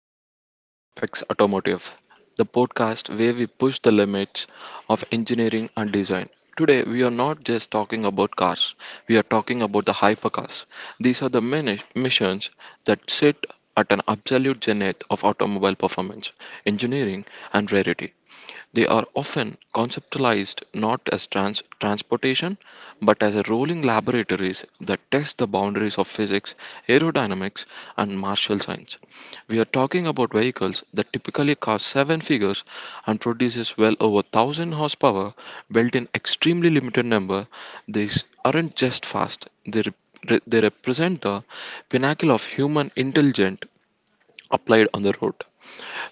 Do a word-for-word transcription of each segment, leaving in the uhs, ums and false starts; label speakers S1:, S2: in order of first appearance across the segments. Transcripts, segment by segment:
S1: welcome back to Apex Automotive, the podcast where we push the limits of engineering and design. Today, we are not just talking about cars, we are talking about the hypercars. These are the mini- missions that sit at an absolute zenith of automobile performance, engineering, and rarity. They are often conceptualized not as trans- transportation, but as rolling laboratories that test the boundaries of physics, aerodynamics, and martial science. We are talking about vehicles that typically cost seven figures and produces well over one thousand horsepower built in extremely limited number. These aren't just fast, they, rep- they represent the pinnacle of human intelligence applied on the road.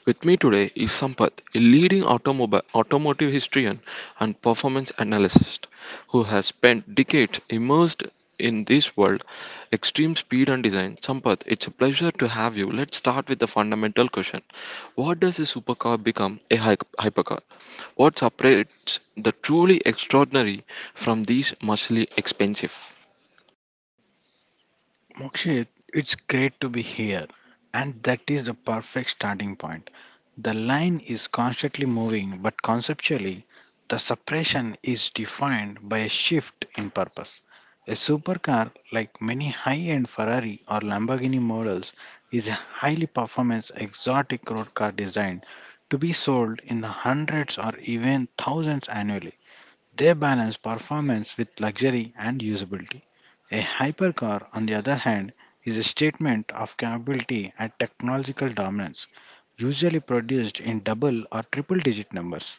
S1: With me today is Sampath, a leading automobile, automotive historian and performance analyst who has spent decades immersed in this world, extreme speed and design. Sampath, it's a pleasure to have you. Let's start with the fundamental question. What does a supercar become a hy- hypercar? What separates the truly extraordinary from these muscly expensive?
S2: Mokshit, it's great to be here. And that is the perfect starting point. The line is constantly moving, but conceptually, the suppression is defined by a shift in purpose. A supercar, like many high end Ferrari or Lamborghini models, is a highly performance exotic road car designed to be sold in the hundreds or even thousands annually. They balance performance with luxury and usability. A hypercar, on the other hand, is a statement of capability and technological dominance, usually produced in double or triple digit numbers.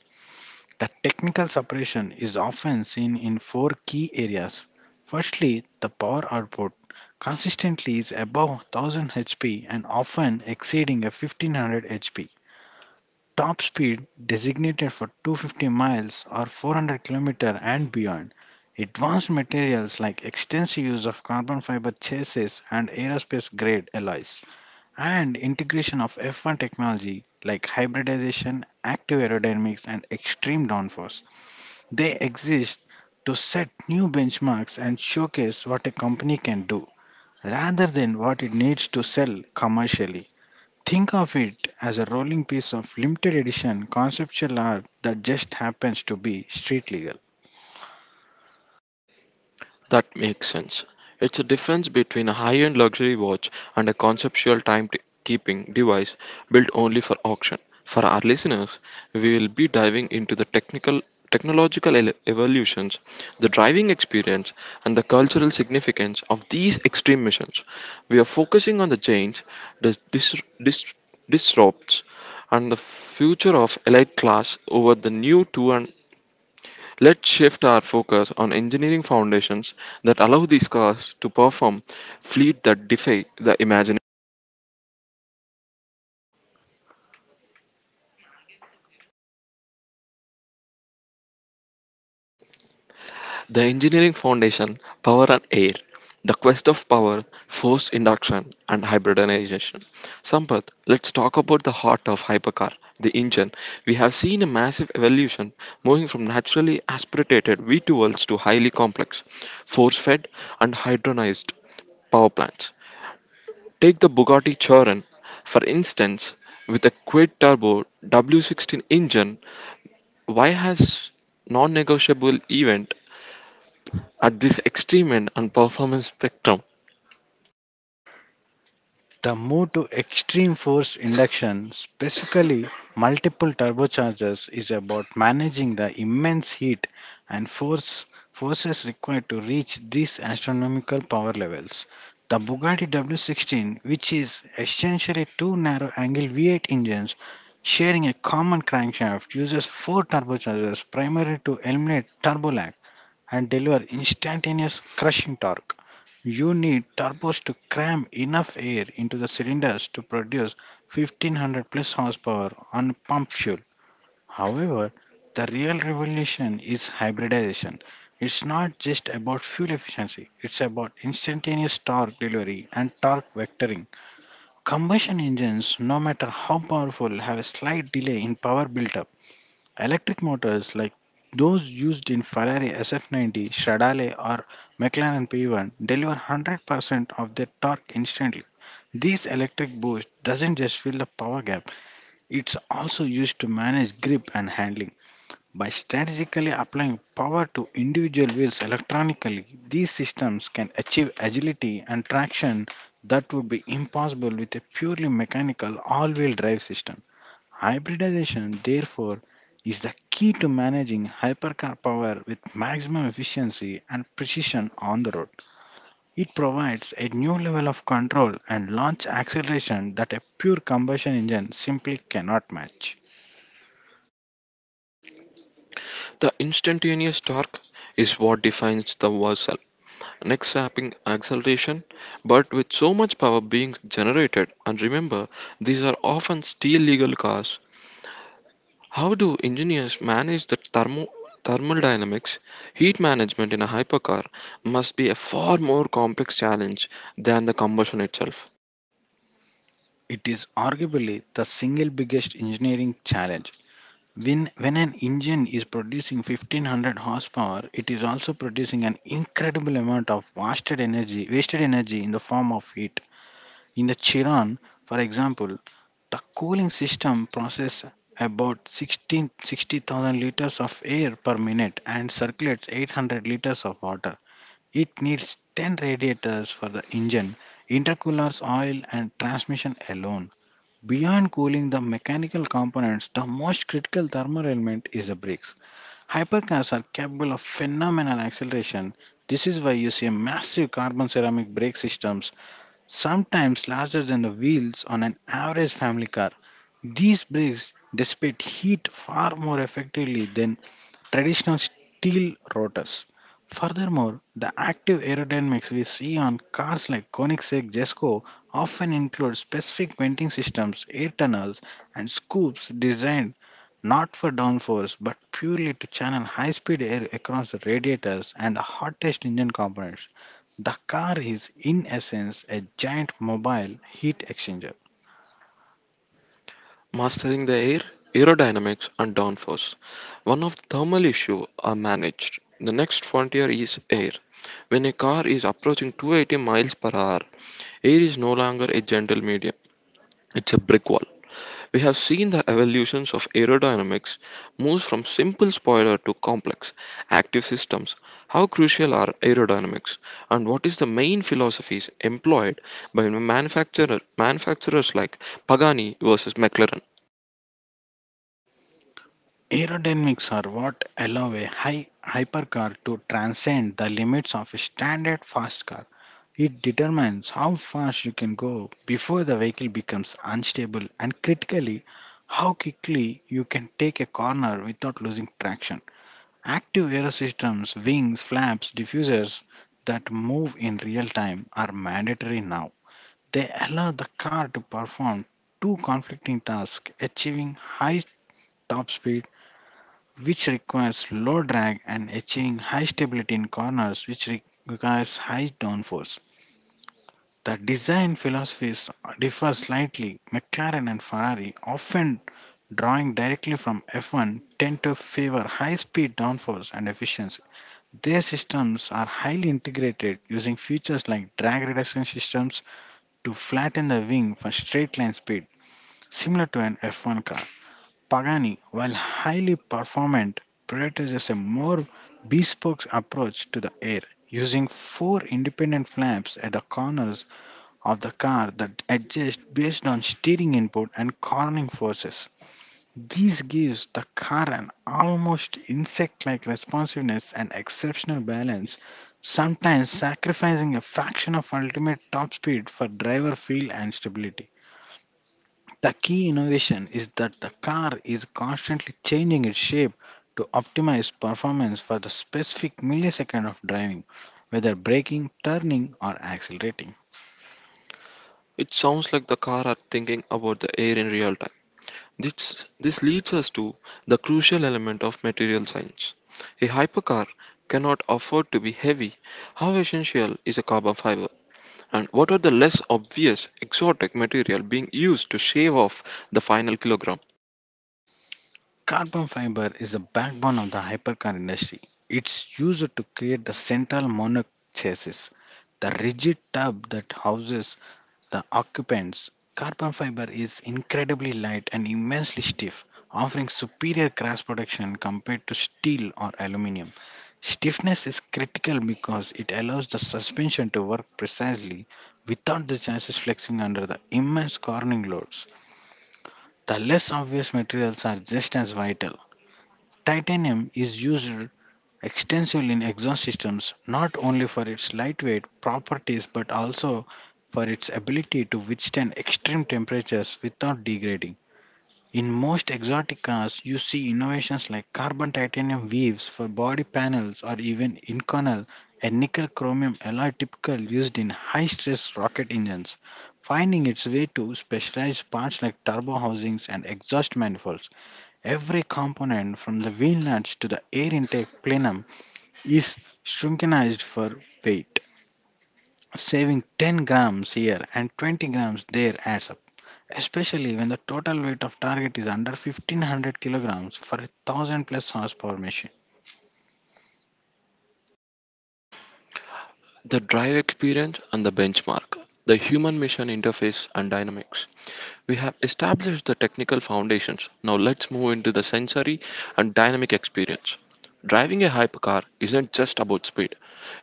S2: The technical separation is often seen in four key areas. Firstly, the power output consistently is above one thousand horsepower and often exceeding a fifteen hundred horsepower top speed designated for two hundred fifty miles or four hundred kilometers and beyond. Advanced materials like extensive use of carbon fiber chassis and aerospace grade alloys, and integration of F one technology like hybridization, active aerodynamics, and extreme downforce. They exist to set new benchmarks and showcase what a company can do rather than what it needs to sell commercially. Think of it as a rolling piece of limited edition conceptual art that just happens to be street legal.
S1: That makes sense. It's a difference between a high end luxury watch and a conceptual timekeeping device built only for auction. For our listeners, we will be diving into the technical technological ele- evolutions, the driving experience, and the cultural significance of these extreme missions. We are focusing on the change, the dis- dis- disrupts, and the future of elite class over the new. Let's shift our focus on engineering foundations that allow these cars to perform fleet that defy the imagination. The engineering foundation, power and air. The quest of power, force induction, and hybridization. Sampath, let's talk about the heart of hypercar, the engine. We have seen a massive evolution moving from naturally aspirated v two to highly complex, force fed, and hydronized power plants. Take the Bugatti Chiron, for instance, with a quid turbo W sixteen engine, why has non-negotiable event at this extreme end and performance spectrum?
S2: The move to extreme force induction, specifically multiple turbochargers, is about managing the immense heat and force forces required to reach these astronomical power levels. The Bugatti W sixteen, which is essentially two narrow-angle V eight engines sharing a common crankshaft, uses four turbochargers primarily to eliminate turbo lag and deliver instantaneous crushing torque. You need turbos to cram enough air into the cylinders to produce fifteen hundred plus horsepower on pump fuel. However, the real revolution is hybridization. It's not just about fuel efficiency, it's about instantaneous torque delivery and torque vectoring. Combustion engines, no matter how powerful, have a slight delay in power buildup. Electric motors like those used in Ferrari S F ninety, Stradale, or McLaren P one deliver one hundred percent of their torque instantly. This electric boost doesn't just fill the power gap, it's also used to manage grip and handling. By strategically applying power to individual wheels electronically, these systems can achieve agility and traction that would be impossible with a purely mechanical all wheel drive system. Hybridization, therefore, is the key to managing hypercar power with maximum efficiency and precision on the road. It provides a new level of control and launch acceleration that a pure combustion engine simply cannot match.
S1: The instantaneous torque is what defines the versal neck sapping acceleration, but with so much power being generated, and remember, these are often steel legal cars. How do engineers manage the thermo- thermodynamics? Heat management in a hypercar must be a far more complex challenge than the combustion itself.
S2: It is arguably the single biggest engineering challenge. When, when an engine is producing fifteen hundred horsepower, it is also producing an incredible amount of wasted energy, wasted energy in the form of heat. In the Chiran, for example, the cooling system processes about sixteen sixty thousand liters of air per minute and circulates eight hundred liters of water. It needs ten radiators for the engine, intercoolers, oil, and transmission alone. Beyond cooling the mechanical components, the most critical thermal element is the brakes. Hypercars are capable of phenomenal acceleration. This is why you see massive carbon ceramic brake systems sometimes larger than the wheels on an average family car. These brakes dissipate heat far more effectively than traditional steel rotors. Furthermore, the active aerodynamics we see on cars like Koenigsegg Jesko often include specific venting systems, air tunnels, and scoops designed not for downforce but purely to channel high speed air across the radiators and the hottest engine components. The car is, in essence, a giant mobile heat exchanger.
S1: Mastering the air, aerodynamics, and downforce. One of the thermal issue are managed. The next frontier is air. When a car is approaching two hundred eighty miles per hour, air is no longer a gentle medium, it's a brick wall. We have seen the evolutions of aerodynamics moves from simple spoiler to complex, active systems. How crucial are aerodynamics, and what is the main philosophies employed by manufacturer, manufacturers like Pagani versus McLaren?
S2: Aerodynamics are what allow a high hypercar to transcend the limits of a standard fast car. It determines how fast you can go before the vehicle becomes unstable and critically how quickly you can take a corner without losing traction. Active aerosystems, wings, flaps, diffusers that move in real time are mandatory now. They allow the car to perform two conflicting tasks, achieving high top speed, which requires low drag, and achieving high stability in corners, which re- requires high downforce. The design philosophies differ slightly. McLaren and Ferrari, often drawing directly from F one, tend to favor high speed downforce and efficiency. Their systems are highly integrated, using features like drag reduction systems to flatten the wing for straight line speed. Similar to an F one car, Pagani, while highly performant, prioritizes a more bespoke approach to the air, using four independent flaps at the corners of the car that adjust based on steering input and cornering forces. This gives the car an almost insect like responsiveness and exceptional balance, sometimes sacrificing a fraction of ultimate top speed for driver feel and stability. The key innovation is that the car is constantly changing its shape to optimize performance for the specific millisecond of driving, whether braking, turning, or accelerating.
S1: It sounds like the car are thinking about the air in real time. This, this leads us to the crucial element of material science. A hypercar cannot afford to be heavy. How essential is a carbon fiber? And what are the less obvious exotic material being used to shave off the final kilogram?
S2: Carbon fiber is the backbone of the hypercar industry. It's used to create the central monocoque chassis, the rigid tub that houses the occupants. Carbon fiber is incredibly light and immensely stiff, offering superior crash protection compared to steel or aluminum. Stiffness is critical because it allows the suspension to work precisely without the chassis flexing under the immense cornering loads. The less obvious materials are just as vital. Titanium is used extensively in exhaust systems not only for its lightweight properties but also for its ability to withstand extreme temperatures without degrading. In most exotic cars, you see innovations like carbon titanium weaves for body panels or even inconel, and nickel chromium alloy typical used in high stress rocket engines, finding its way to specialized parts like turbo housings and exhaust manifolds. Every component from the wheel nuts to the air intake plenum is shrinkinized for weight. Saving ten grams here and twenty grams there adds up, especially when the total weight of target is under fifteen hundred kilograms for a one thousand plus horsepower machine.
S1: The drive experience and the benchmark, the human mission interface and dynamics. We have established the technical foundations. Now let's move into the sensory and dynamic experience. Driving a hypercar isn't just about speed,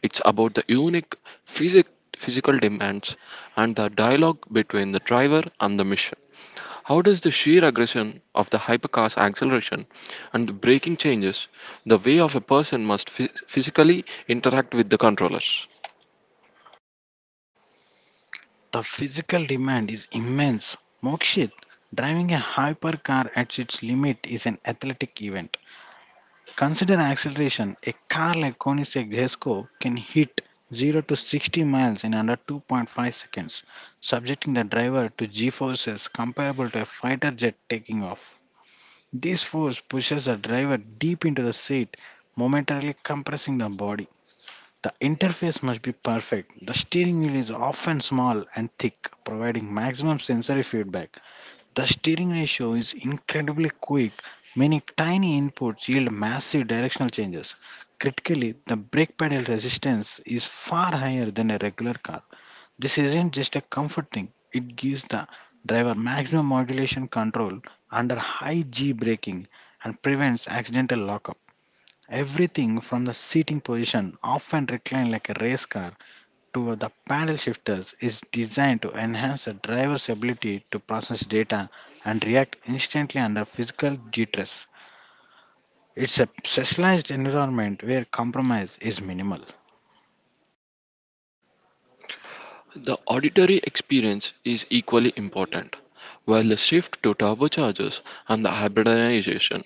S1: it's about the unique physic- physical demands and the dialogue between the driver and the mission. How does the sheer aggression of the hypercar's acceleration and the braking changes the way of a person must phys- physically interact with the controllers?
S2: The physical demand is immense. Mokshit, driving a hypercar at its limit is an athletic event. Consider acceleration. A car like Koenigsegg Jesko can hit zero to sixty miles in under two point five seconds, subjecting the driver to g forces comparable to a fighter jet taking off. This force pushes the driver deep into the seat, momentarily compressing the body. The interface must be perfect. The steering wheel is often small and thick, providing maximum sensory feedback. The steering ratio is incredibly quick. Many tiny inputs yield massive directional changes. Critically, the brake pedal resistance is far higher than a regular car. This isn't just a comfort thing, it gives the driver maximum modulation control under high G braking and prevents accidental lockup. Everything from the seating position, often reclined like a race car, to the paddle shifters is designed to enhance the driver's ability to process data and react instantly under physical distress. It's a specialized environment where compromise is minimal.
S1: The auditory experience is equally important. While the shift to turbochargers and the hybridization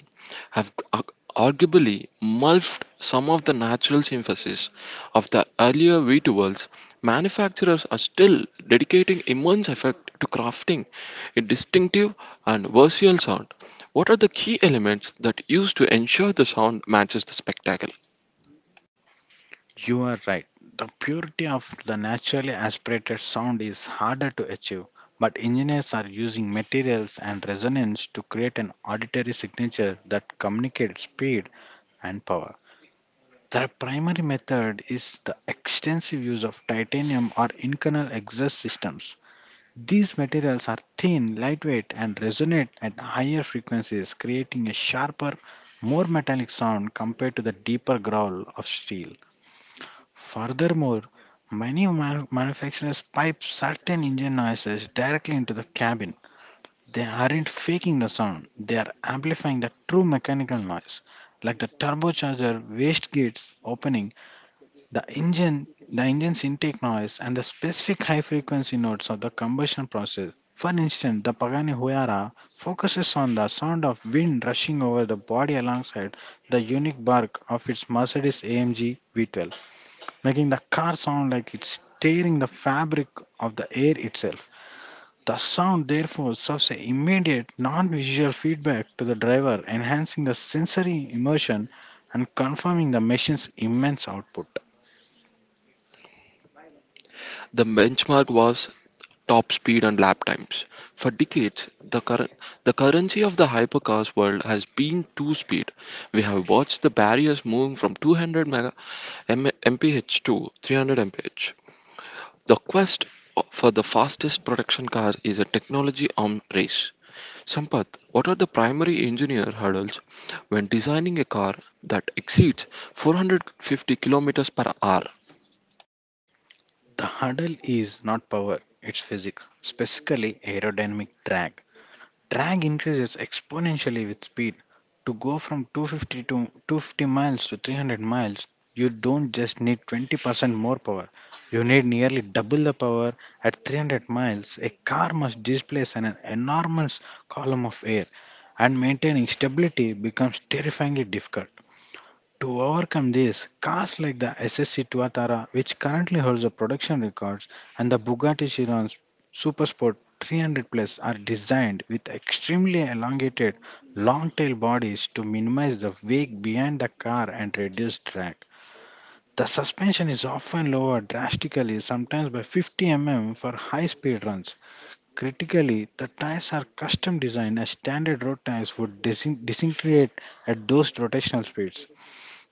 S1: have arg- arguably morphed some of the natural synthesis of the earlier V twelves, manufacturers are still dedicating immense effort to crafting a distinctive and versatile sound. What are the key elements that used to ensure the sound matches the spectacle?
S2: You are right. The purity of the naturally aspirated sound is harder to achieve, but engineers are using materials and resonance to create an auditory signature that communicates speed and power. The primary method is the extensive use of titanium or internal exhaust systems. These materials are thin, lightweight, and resonate at higher frequencies, creating a sharper, more metallic sound compared to the deeper growl of steel. Furthermore, many ma- manufacturers pipe certain engine noises directly into the cabin. They aren't faking the sound, they are amplifying the true mechanical noise, like the turbocharger waste gates opening the engine, the engine's intake noise, and the specific high frequency notes of the combustion process. For instance, the Pagani Huayra focuses on the sound of wind rushing over the body alongside the unique bark of its Mercedes A M G V twelve, making the car sound like it's tearing the fabric of the air itself. The sound therefore serves an immediate non-visual feedback to the driver, enhancing the sensory immersion and confirming the machine's immense output.
S1: The benchmark was top speed and lap times. For decades, the, current the currency of the hypercars world has been two speed. We have watched the barriers moving from two hundred mega M- mph to three hundred m p h. The quest for the fastest production car is a technology arm race. Sampath, what are the primary engineer hurdles when designing a car that exceeds four hundred fifty kilometers per hour?
S2: The hurdle is not power, it's physics, specifically aerodynamic drag. Drag increases exponentially with speed. To go from two hundred fifty to two hundred fifty miles to three hundred miles, you don't just need twenty percent more power. You need nearly double the power at three hundred miles. A car must displace an enormous column of air, and maintaining stability becomes terrifyingly difficult. To overcome this, cars like the S S C Tuatara, which currently holds the production records, and the Bugatti Chiron Supersport three hundred Plus are designed with extremely elongated long tail bodies to minimize the wake behind the car and reduce drag. The suspension is often lowered drastically, sometimes by fifty millimeters for high speed runs. Critically, the tires are custom designed as standard road tires would disin- disintegrate at those rotational speeds.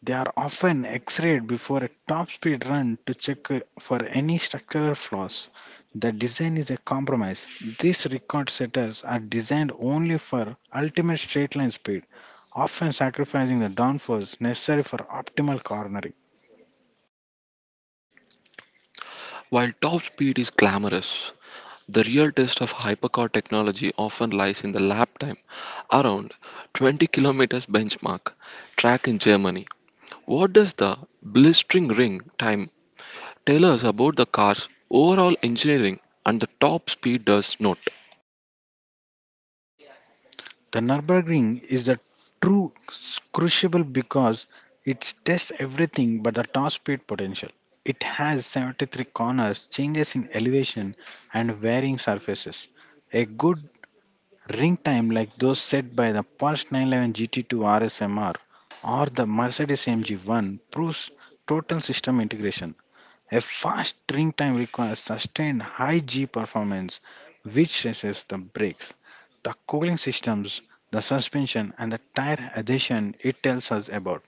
S2: They are often x-rayed before a top-speed run to check uh, for any structural flaws. The design is a compromise. These record setters are designed only for ultimate straight-line speed, often sacrificing the downforce necessary for optimal cornering.
S1: While top speed is glamorous, the real test of hypercar technology often lies in the lap time, around twenty kilometers benchmark track in Germany. What does the blistering ring time tell us about the car's overall engineering and the top speed does not?
S2: The Nürburgring is the true crucible because it tests everything but the top speed potential. It has seventy-three corners, changes in elevation, and varying surfaces. A good Ring time like those set by the Porsche nine eleven G T two R S M R or the Mercedes A M G one proves total system integration. A fast ring time requires sustained high G performance, which stresses the brakes, the cooling systems, the suspension, and the tire adhesion it tells us about.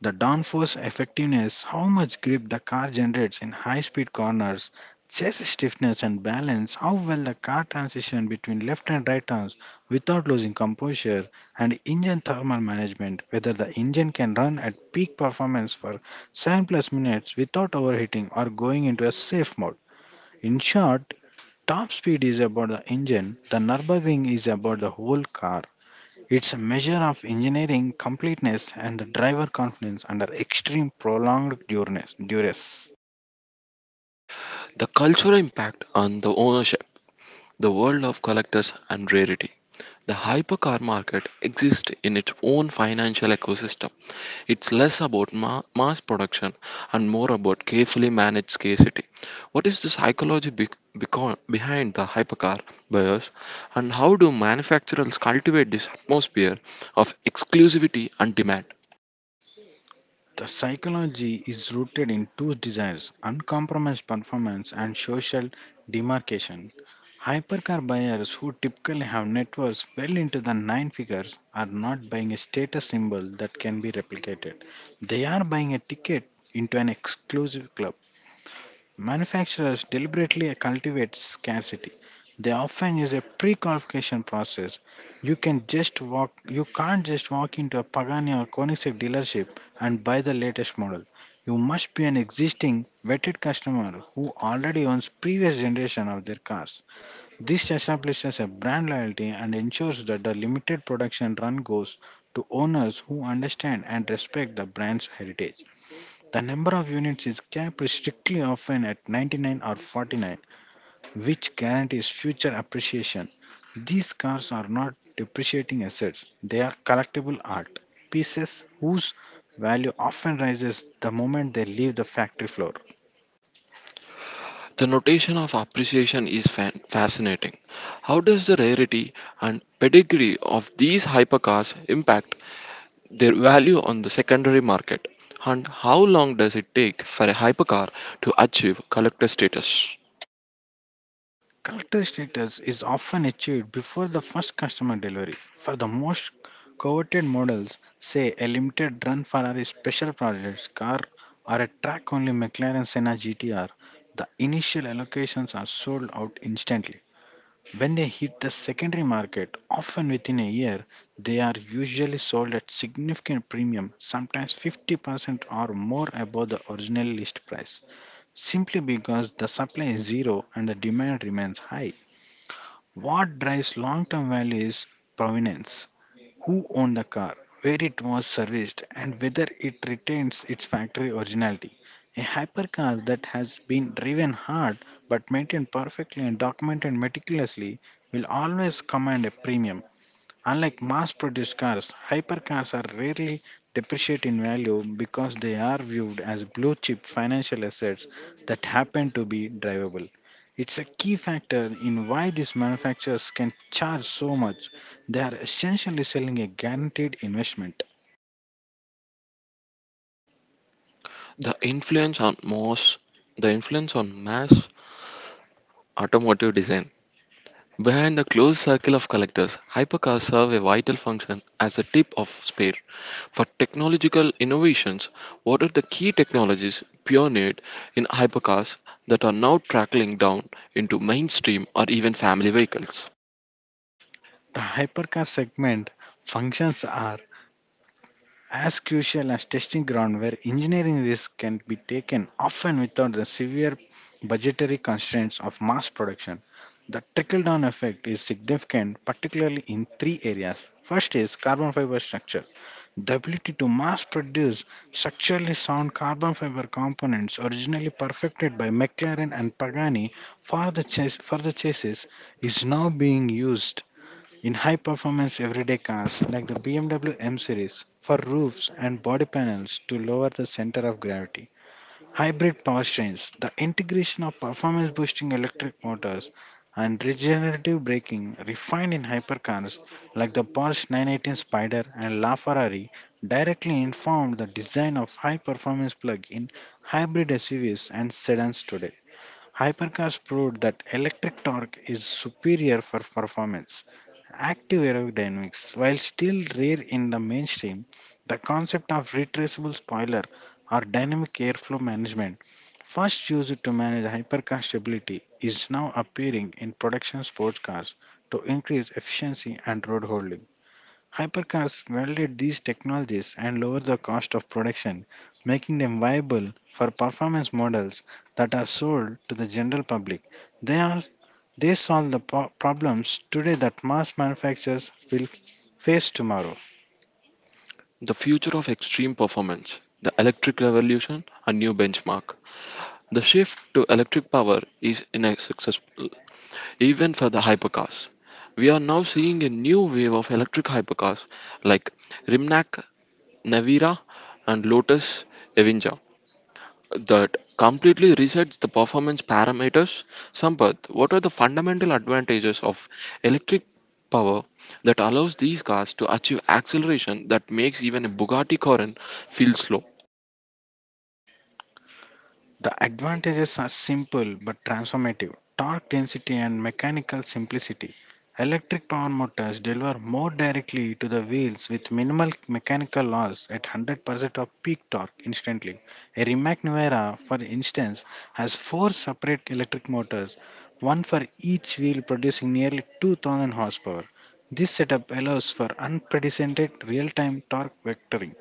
S2: The downforce effectiveness, how much grip the car generates in high speed corners, chest stiffness and balance, how well the car transitions between left and right turns without losing composure, and engine thermal management, whether the engine can run at peak performance for seven plus minutes without overheating or going into a safe mode. In short, top speed is about the engine, the Nürburgring is about the whole car. It's a measure of engineering completeness and the driver confidence under extreme prolonged duress. duress.
S1: The cultural impact on the ownership, the world of collectors and rarity. The hypercar market exists in its own financial ecosystem. It's less about ma- mass production and more about carefully managed scarcity. What is the psychology be- beco- behind the hypercar buyers, and how do manufacturers cultivate this atmosphere of exclusivity and demand?
S2: The psychology is rooted in two desires, uncompromised performance and social demarcation. Hypercar buyers, who typically have networks well into the nine figures, are not buying a status symbol that can be replicated. They are buying a ticket into an exclusive club. Manufacturers deliberately cultivate scarcity. They often use a pre-qualification process. You can just walk you can't just walk into a Pagani or Koenigsegg dealership and buy the latest model. You must be an existing vetted customer who already owns previous generation of their cars. This establishes a brand loyalty and ensures that the limited production run goes to owners who understand and respect the brand's heritage. The number of units is capped strictly, often at ninety-nine or forty-nine, which guarantees future appreciation. These cars are not depreciating assets, they are collectible art pieces whose value often rises the moment they leave the factory floor.
S1: The notation of appreciation is fan- fascinating. How does the rarity and pedigree of these hypercars impact their value on the secondary market, and how long does it take for a hypercar to achieve collector status?
S2: Collector status is often achieved before the first customer delivery. For the most coveted models, say a limited run Ferrari special projects car or a track only McLaren Senna G T R, the initial allocations are sold out instantly. When they hit the secondary market, often within a year, they are usually sold at significant premium, sometimes fifty percent or more above the original list price, simply because the supply is zero and the demand remains high. What drives long term value is provenance, who owned the car, where it was serviced, and whether it retains its factory originality. A hypercar that has been driven hard but maintained perfectly and documented meticulously will always command a premium. Unlike mass produced cars, hypercars are rarely depreciate in value because they are viewed as blue chip financial assets that happen to be drivable. It's a key factor in why these manufacturers can charge so much. They are essentially selling a guaranteed investment.
S1: The influence on mass, the influence on mass automotive design. Behind the closed circle of collectors, hypercars serve a vital function as a tip of spear for technological innovations. What are the key technologies pioneered in hypercars that are now trickling down into mainstream or even family vehicles?
S2: The hypercar segment functions are as crucial as testing ground where engineering risks can be taken often without the severe budgetary constraints of mass production. The trickle down effect is significant, particularly in three areas. First is carbon fiber structure. The ability to mass produce structurally sound carbon fiber components originally perfected by McLaren and Pagani for the, chas- for the chassis is now being used in high performance everyday cars like the B M W M W M series for roofs and body panels to lower the center of gravity. Hybrid powertrains, the integration of performance boosting electric motors and regenerative braking refined in hypercars like the Porsche nine eighteen Spider and LaFerrari, directly informed the design of high performance plug in hybrid S U Vs and sedans today. Hypercars proved that electric torque is superior for performance. Active aerodynamics, while still rare in the mainstream, the concept of retraceable spoiler or dynamic airflow management, first used to manage hypercar stability, is now appearing in production sports cars to increase efficiency and road holding. Hypercars welded these technologies and lowered the cost of production, making them viable for performance models that are sold to the general public. They are they solve the po- problems today that mass manufacturers will face tomorrow.
S1: The future of extreme performance, the electric revolution, a new benchmark. The shift to electric power is inaccessible, even for the hypercars. We are now seeing a new wave of electric hypercars like Rimnac Navira and Lotus Evinja that completely resets the performance parameters. Sampath, what are the fundamental advantages of electric power that allows these cars to achieve acceleration that makes even a Bugatti Chiron feel slow?
S2: The advantages are simple but transformative, torque density and mechanical simplicity. Electric power motors deliver more directly to the wheels with minimal mechanical loss at one hundred percent of peak torque instantly. A Rimac Nuera, for instance, has four separate electric motors, one for each wheel, producing nearly two thousand horsepower. This setup allows for unprecedented real time torque vectoring.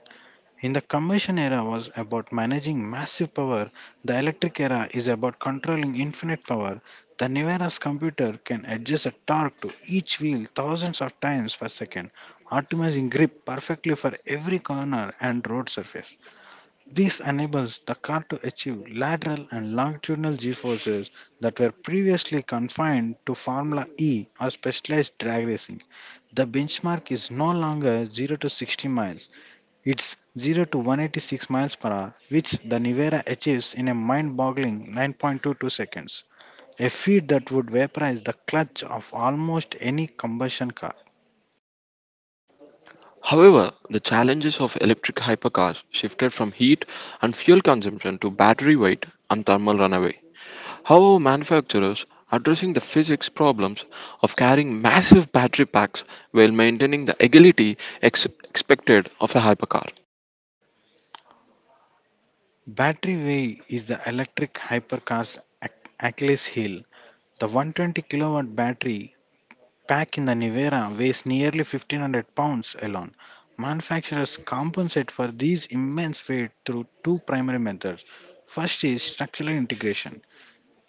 S2: In the Commission era was about managing massive power, the electric era is about controlling infinite power. The Nivera's computer can adjust the torque to each wheel thousands of times per second, optimizing grip perfectly for every corner and road surface. This enables the car to achieve lateral and longitudinal g forces that were previously confined to Formula E or specialized drag racing. The benchmark is no longer zero to sixty miles, it's zero to one hundred eighty-six miles per hour, which the Nivera achieves in a mind-boggling nine point two two seconds, a feat that would vaporize the clutch of almost any combustion car.
S1: However, the challenges of electric hypercars shifted from heat and fuel consumption to battery weight and thermal runaway. How are manufacturers addressing the physics problems of carrying massive battery packs while maintaining the agility ex- expected of a hypercar?
S2: Battery way is the electric hypercar's Ach- Achilles heel. The one hundred twenty kilowatt battery pack in the Nivera weighs nearly fifteen hundred pounds alone. Manufacturers compensate for these immense weight through two primary methods. First is structural integration,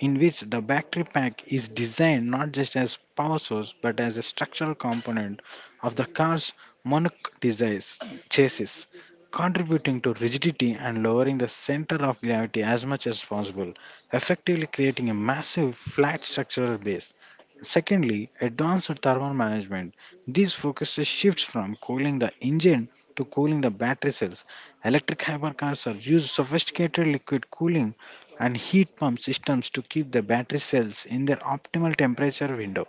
S2: in which the battery pack is designed not just as power source but as a structural component of the car's monocoque desis- chassis, contributing to rigidity and lowering the center of gravity as much as possible, effectively creating a massive flat structural base. Secondly, advanced thermal management. These focuses shifts from cooling the engine to cooling the battery cells. Electric hypercars are used sophisticated liquid cooling and heat pump systems to keep the battery cells in their optimal temperature window.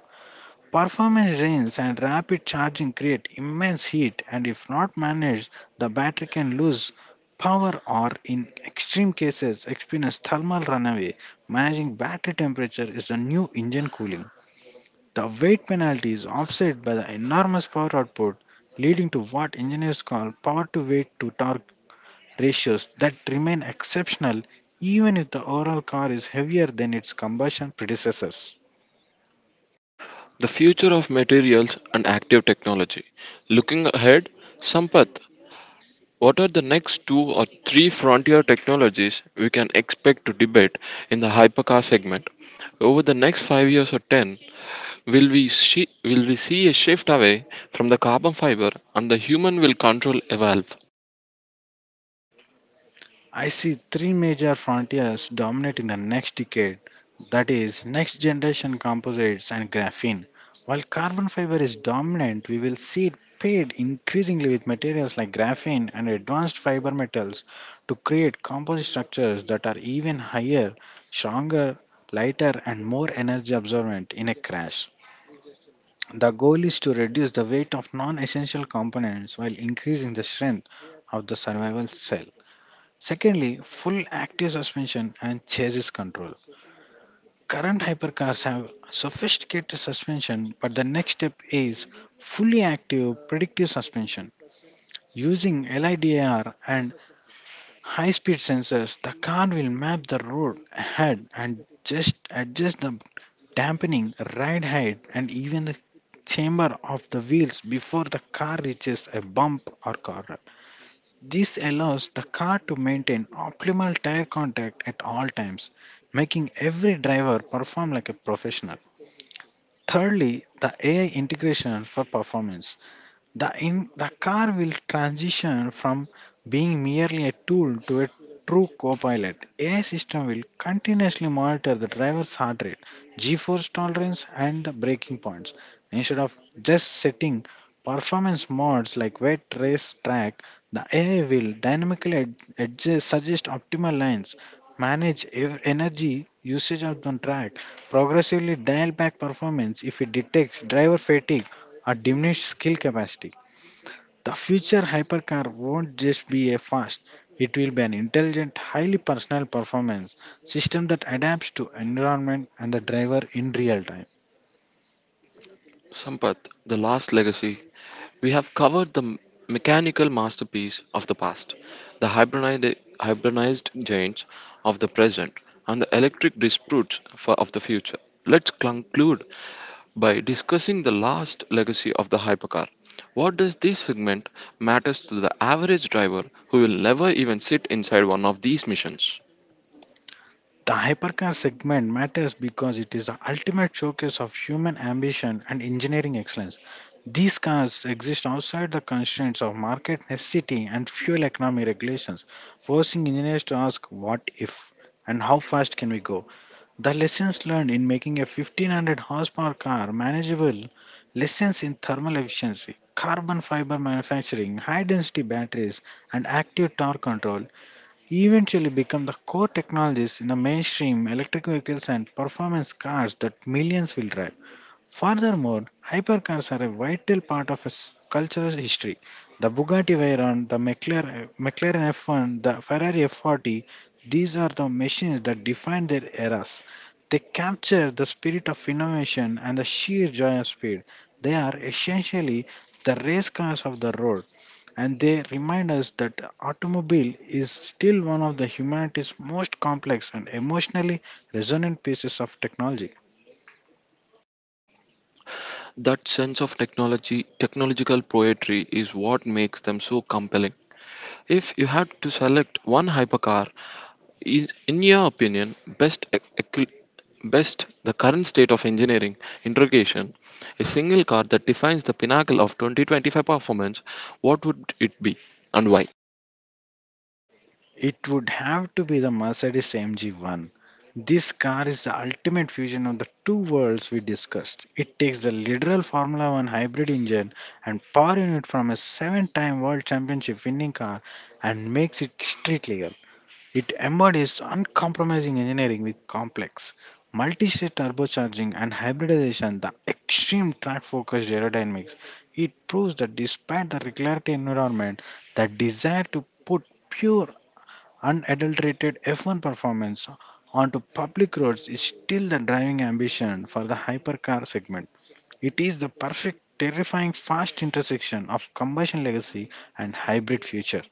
S2: Performance drains and rapid charging create immense heat, and if not managed, the battery can lose power or, in extreme cases, experience thermal runaway. Managing battery temperature is the new engine cooling. The weight penalty is offset by the enormous power output, leading to what engineers call power to weight to torque ratios that remain exceptional even if the overall car is heavier than its combustion predecessors.
S1: The future of materials and active technology. Looking ahead, Sampath, what are the next two or three frontier technologies we can expect to debate in the hypercar segment? Over the next five years or ten, will we see, will we see a shift away from the carbon fiber and the human will control evolve?
S2: I see three major frontiers dominating the next decade. That is, next generation composites and graphene. While carbon fiber is dominant, we will see it paired increasingly with materials like graphene and advanced fiber metals to create composite structures that are even higher, stronger, lighter, and more energy absorbent in a crash. The goal is to reduce the weight of non essential components while increasing the strength of the survival cell. Secondly, full active suspension and chassis control. Current hypercars have sophisticated suspension, but the next step is fully active predictive suspension. Using LIDAR and high speed sensors, the car will map the road ahead and just adjust the dampening, ride height, and even the chamber of the wheels before the car reaches a bump or corner. This allows the car to maintain optimal tire contact at all times, making every driver perform like a professional. Thirdly, the A I integration for performance. The, in, the car will transition from being merely a tool to a true co-pilot. A I system will continuously monitor the driver's heart rate, G-force tolerance, and the braking points. Instead of just setting performance modes like wet race track, the A I will dynamically ad- adjust, suggest optimal lines, manage ev- energy usage on the track, progressively dial back performance if it detects driver fatigue a diminished skill capacity. The future hypercar won't just be a fast, it will be an intelligent, highly personal performance system that adapts to environment and the driver in real time.
S1: Sampath, the last legacy. We have covered the m- mechanical masterpiece of the past, the hybridized hibernized giants of the present, and the electric disputes for, of the future. Let's conclude by discussing the last legacy of the hypercar. What does this segment matters to the average driver who will never even sit inside one of these missions?
S2: The hypercar segment matters because it is the ultimate showcase of human ambition and engineering excellence. These cars exist outside the constraints of market necessity and fuel economy regulations, forcing engineers to ask what if and how fast can we go. The lessons learned in making a fifteen hundred horsepower car manageable, lessons in thermal efficiency, carbon fiber manufacturing, high density batteries, and active torque control, eventually become the core technologies in the mainstream electric vehicles and performance cars that millions will drive. Furthermore, hypercars are a vital part of its cultural history. The Bugatti Veyron, the McLaren, McLaren F one, the Ferrari F forty, these are the machines that defined their eras. They capture the spirit of innovation and the sheer joy of speed. They are essentially the race cars of the road, and they remind us that automobile is still one of the humanity's most complex and emotionally resonant pieces of technology.
S1: That sense of technology, technological poetry is what makes them so compelling. If you had to select one hypercar, is in your opinion best equi- best the current state of engineering interrogation, a single car that defines the pinnacle of twenty twenty-five performance, what would it be and why?
S2: It would have to be the Mercedes A M G one. This car is the ultimate fusion of the two worlds we discussed. It takes the literal Formula one hybrid engine and power unit from a seven-time world championship winning car and makes it street legal. It embodies uncompromising engineering with complex multi-stage turbocharging and hybridization, the extreme track-focused aerodynamics. It proves that despite the regularity environment, the desire to put pure unadulterated F one performance onto public roads is still the driving ambition for the hypercar segment. It is the perfect, terrifying, fast intersection of combustion legacy and hybrid future.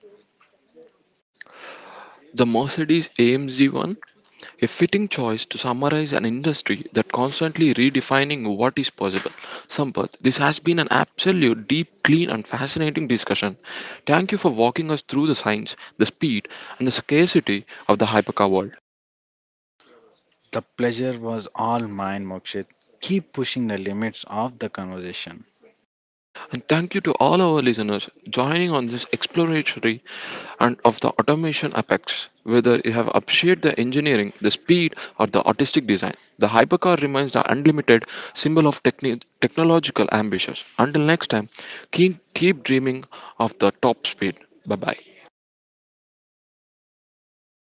S1: The Mercedes A M G one, a fitting choice to summarize an industry that constantly redefining what is possible. Sampath, this has been an absolute deep, clean, and fascinating discussion. Thank you for walking us through the science, the speed, and the scarcity of the hypercar world.
S2: The pleasure was all mine, Mokshit. Keep pushing the limits of the conversation.
S1: And thank you to all our listeners joining on this exploratory and of the automation apex. Whether you have appreciated the engineering, the speed, or the artistic design, the hypercar remains the unlimited symbol of techni- technological ambitions. Until next time, keep, keep dreaming of the top speed. Bye bye.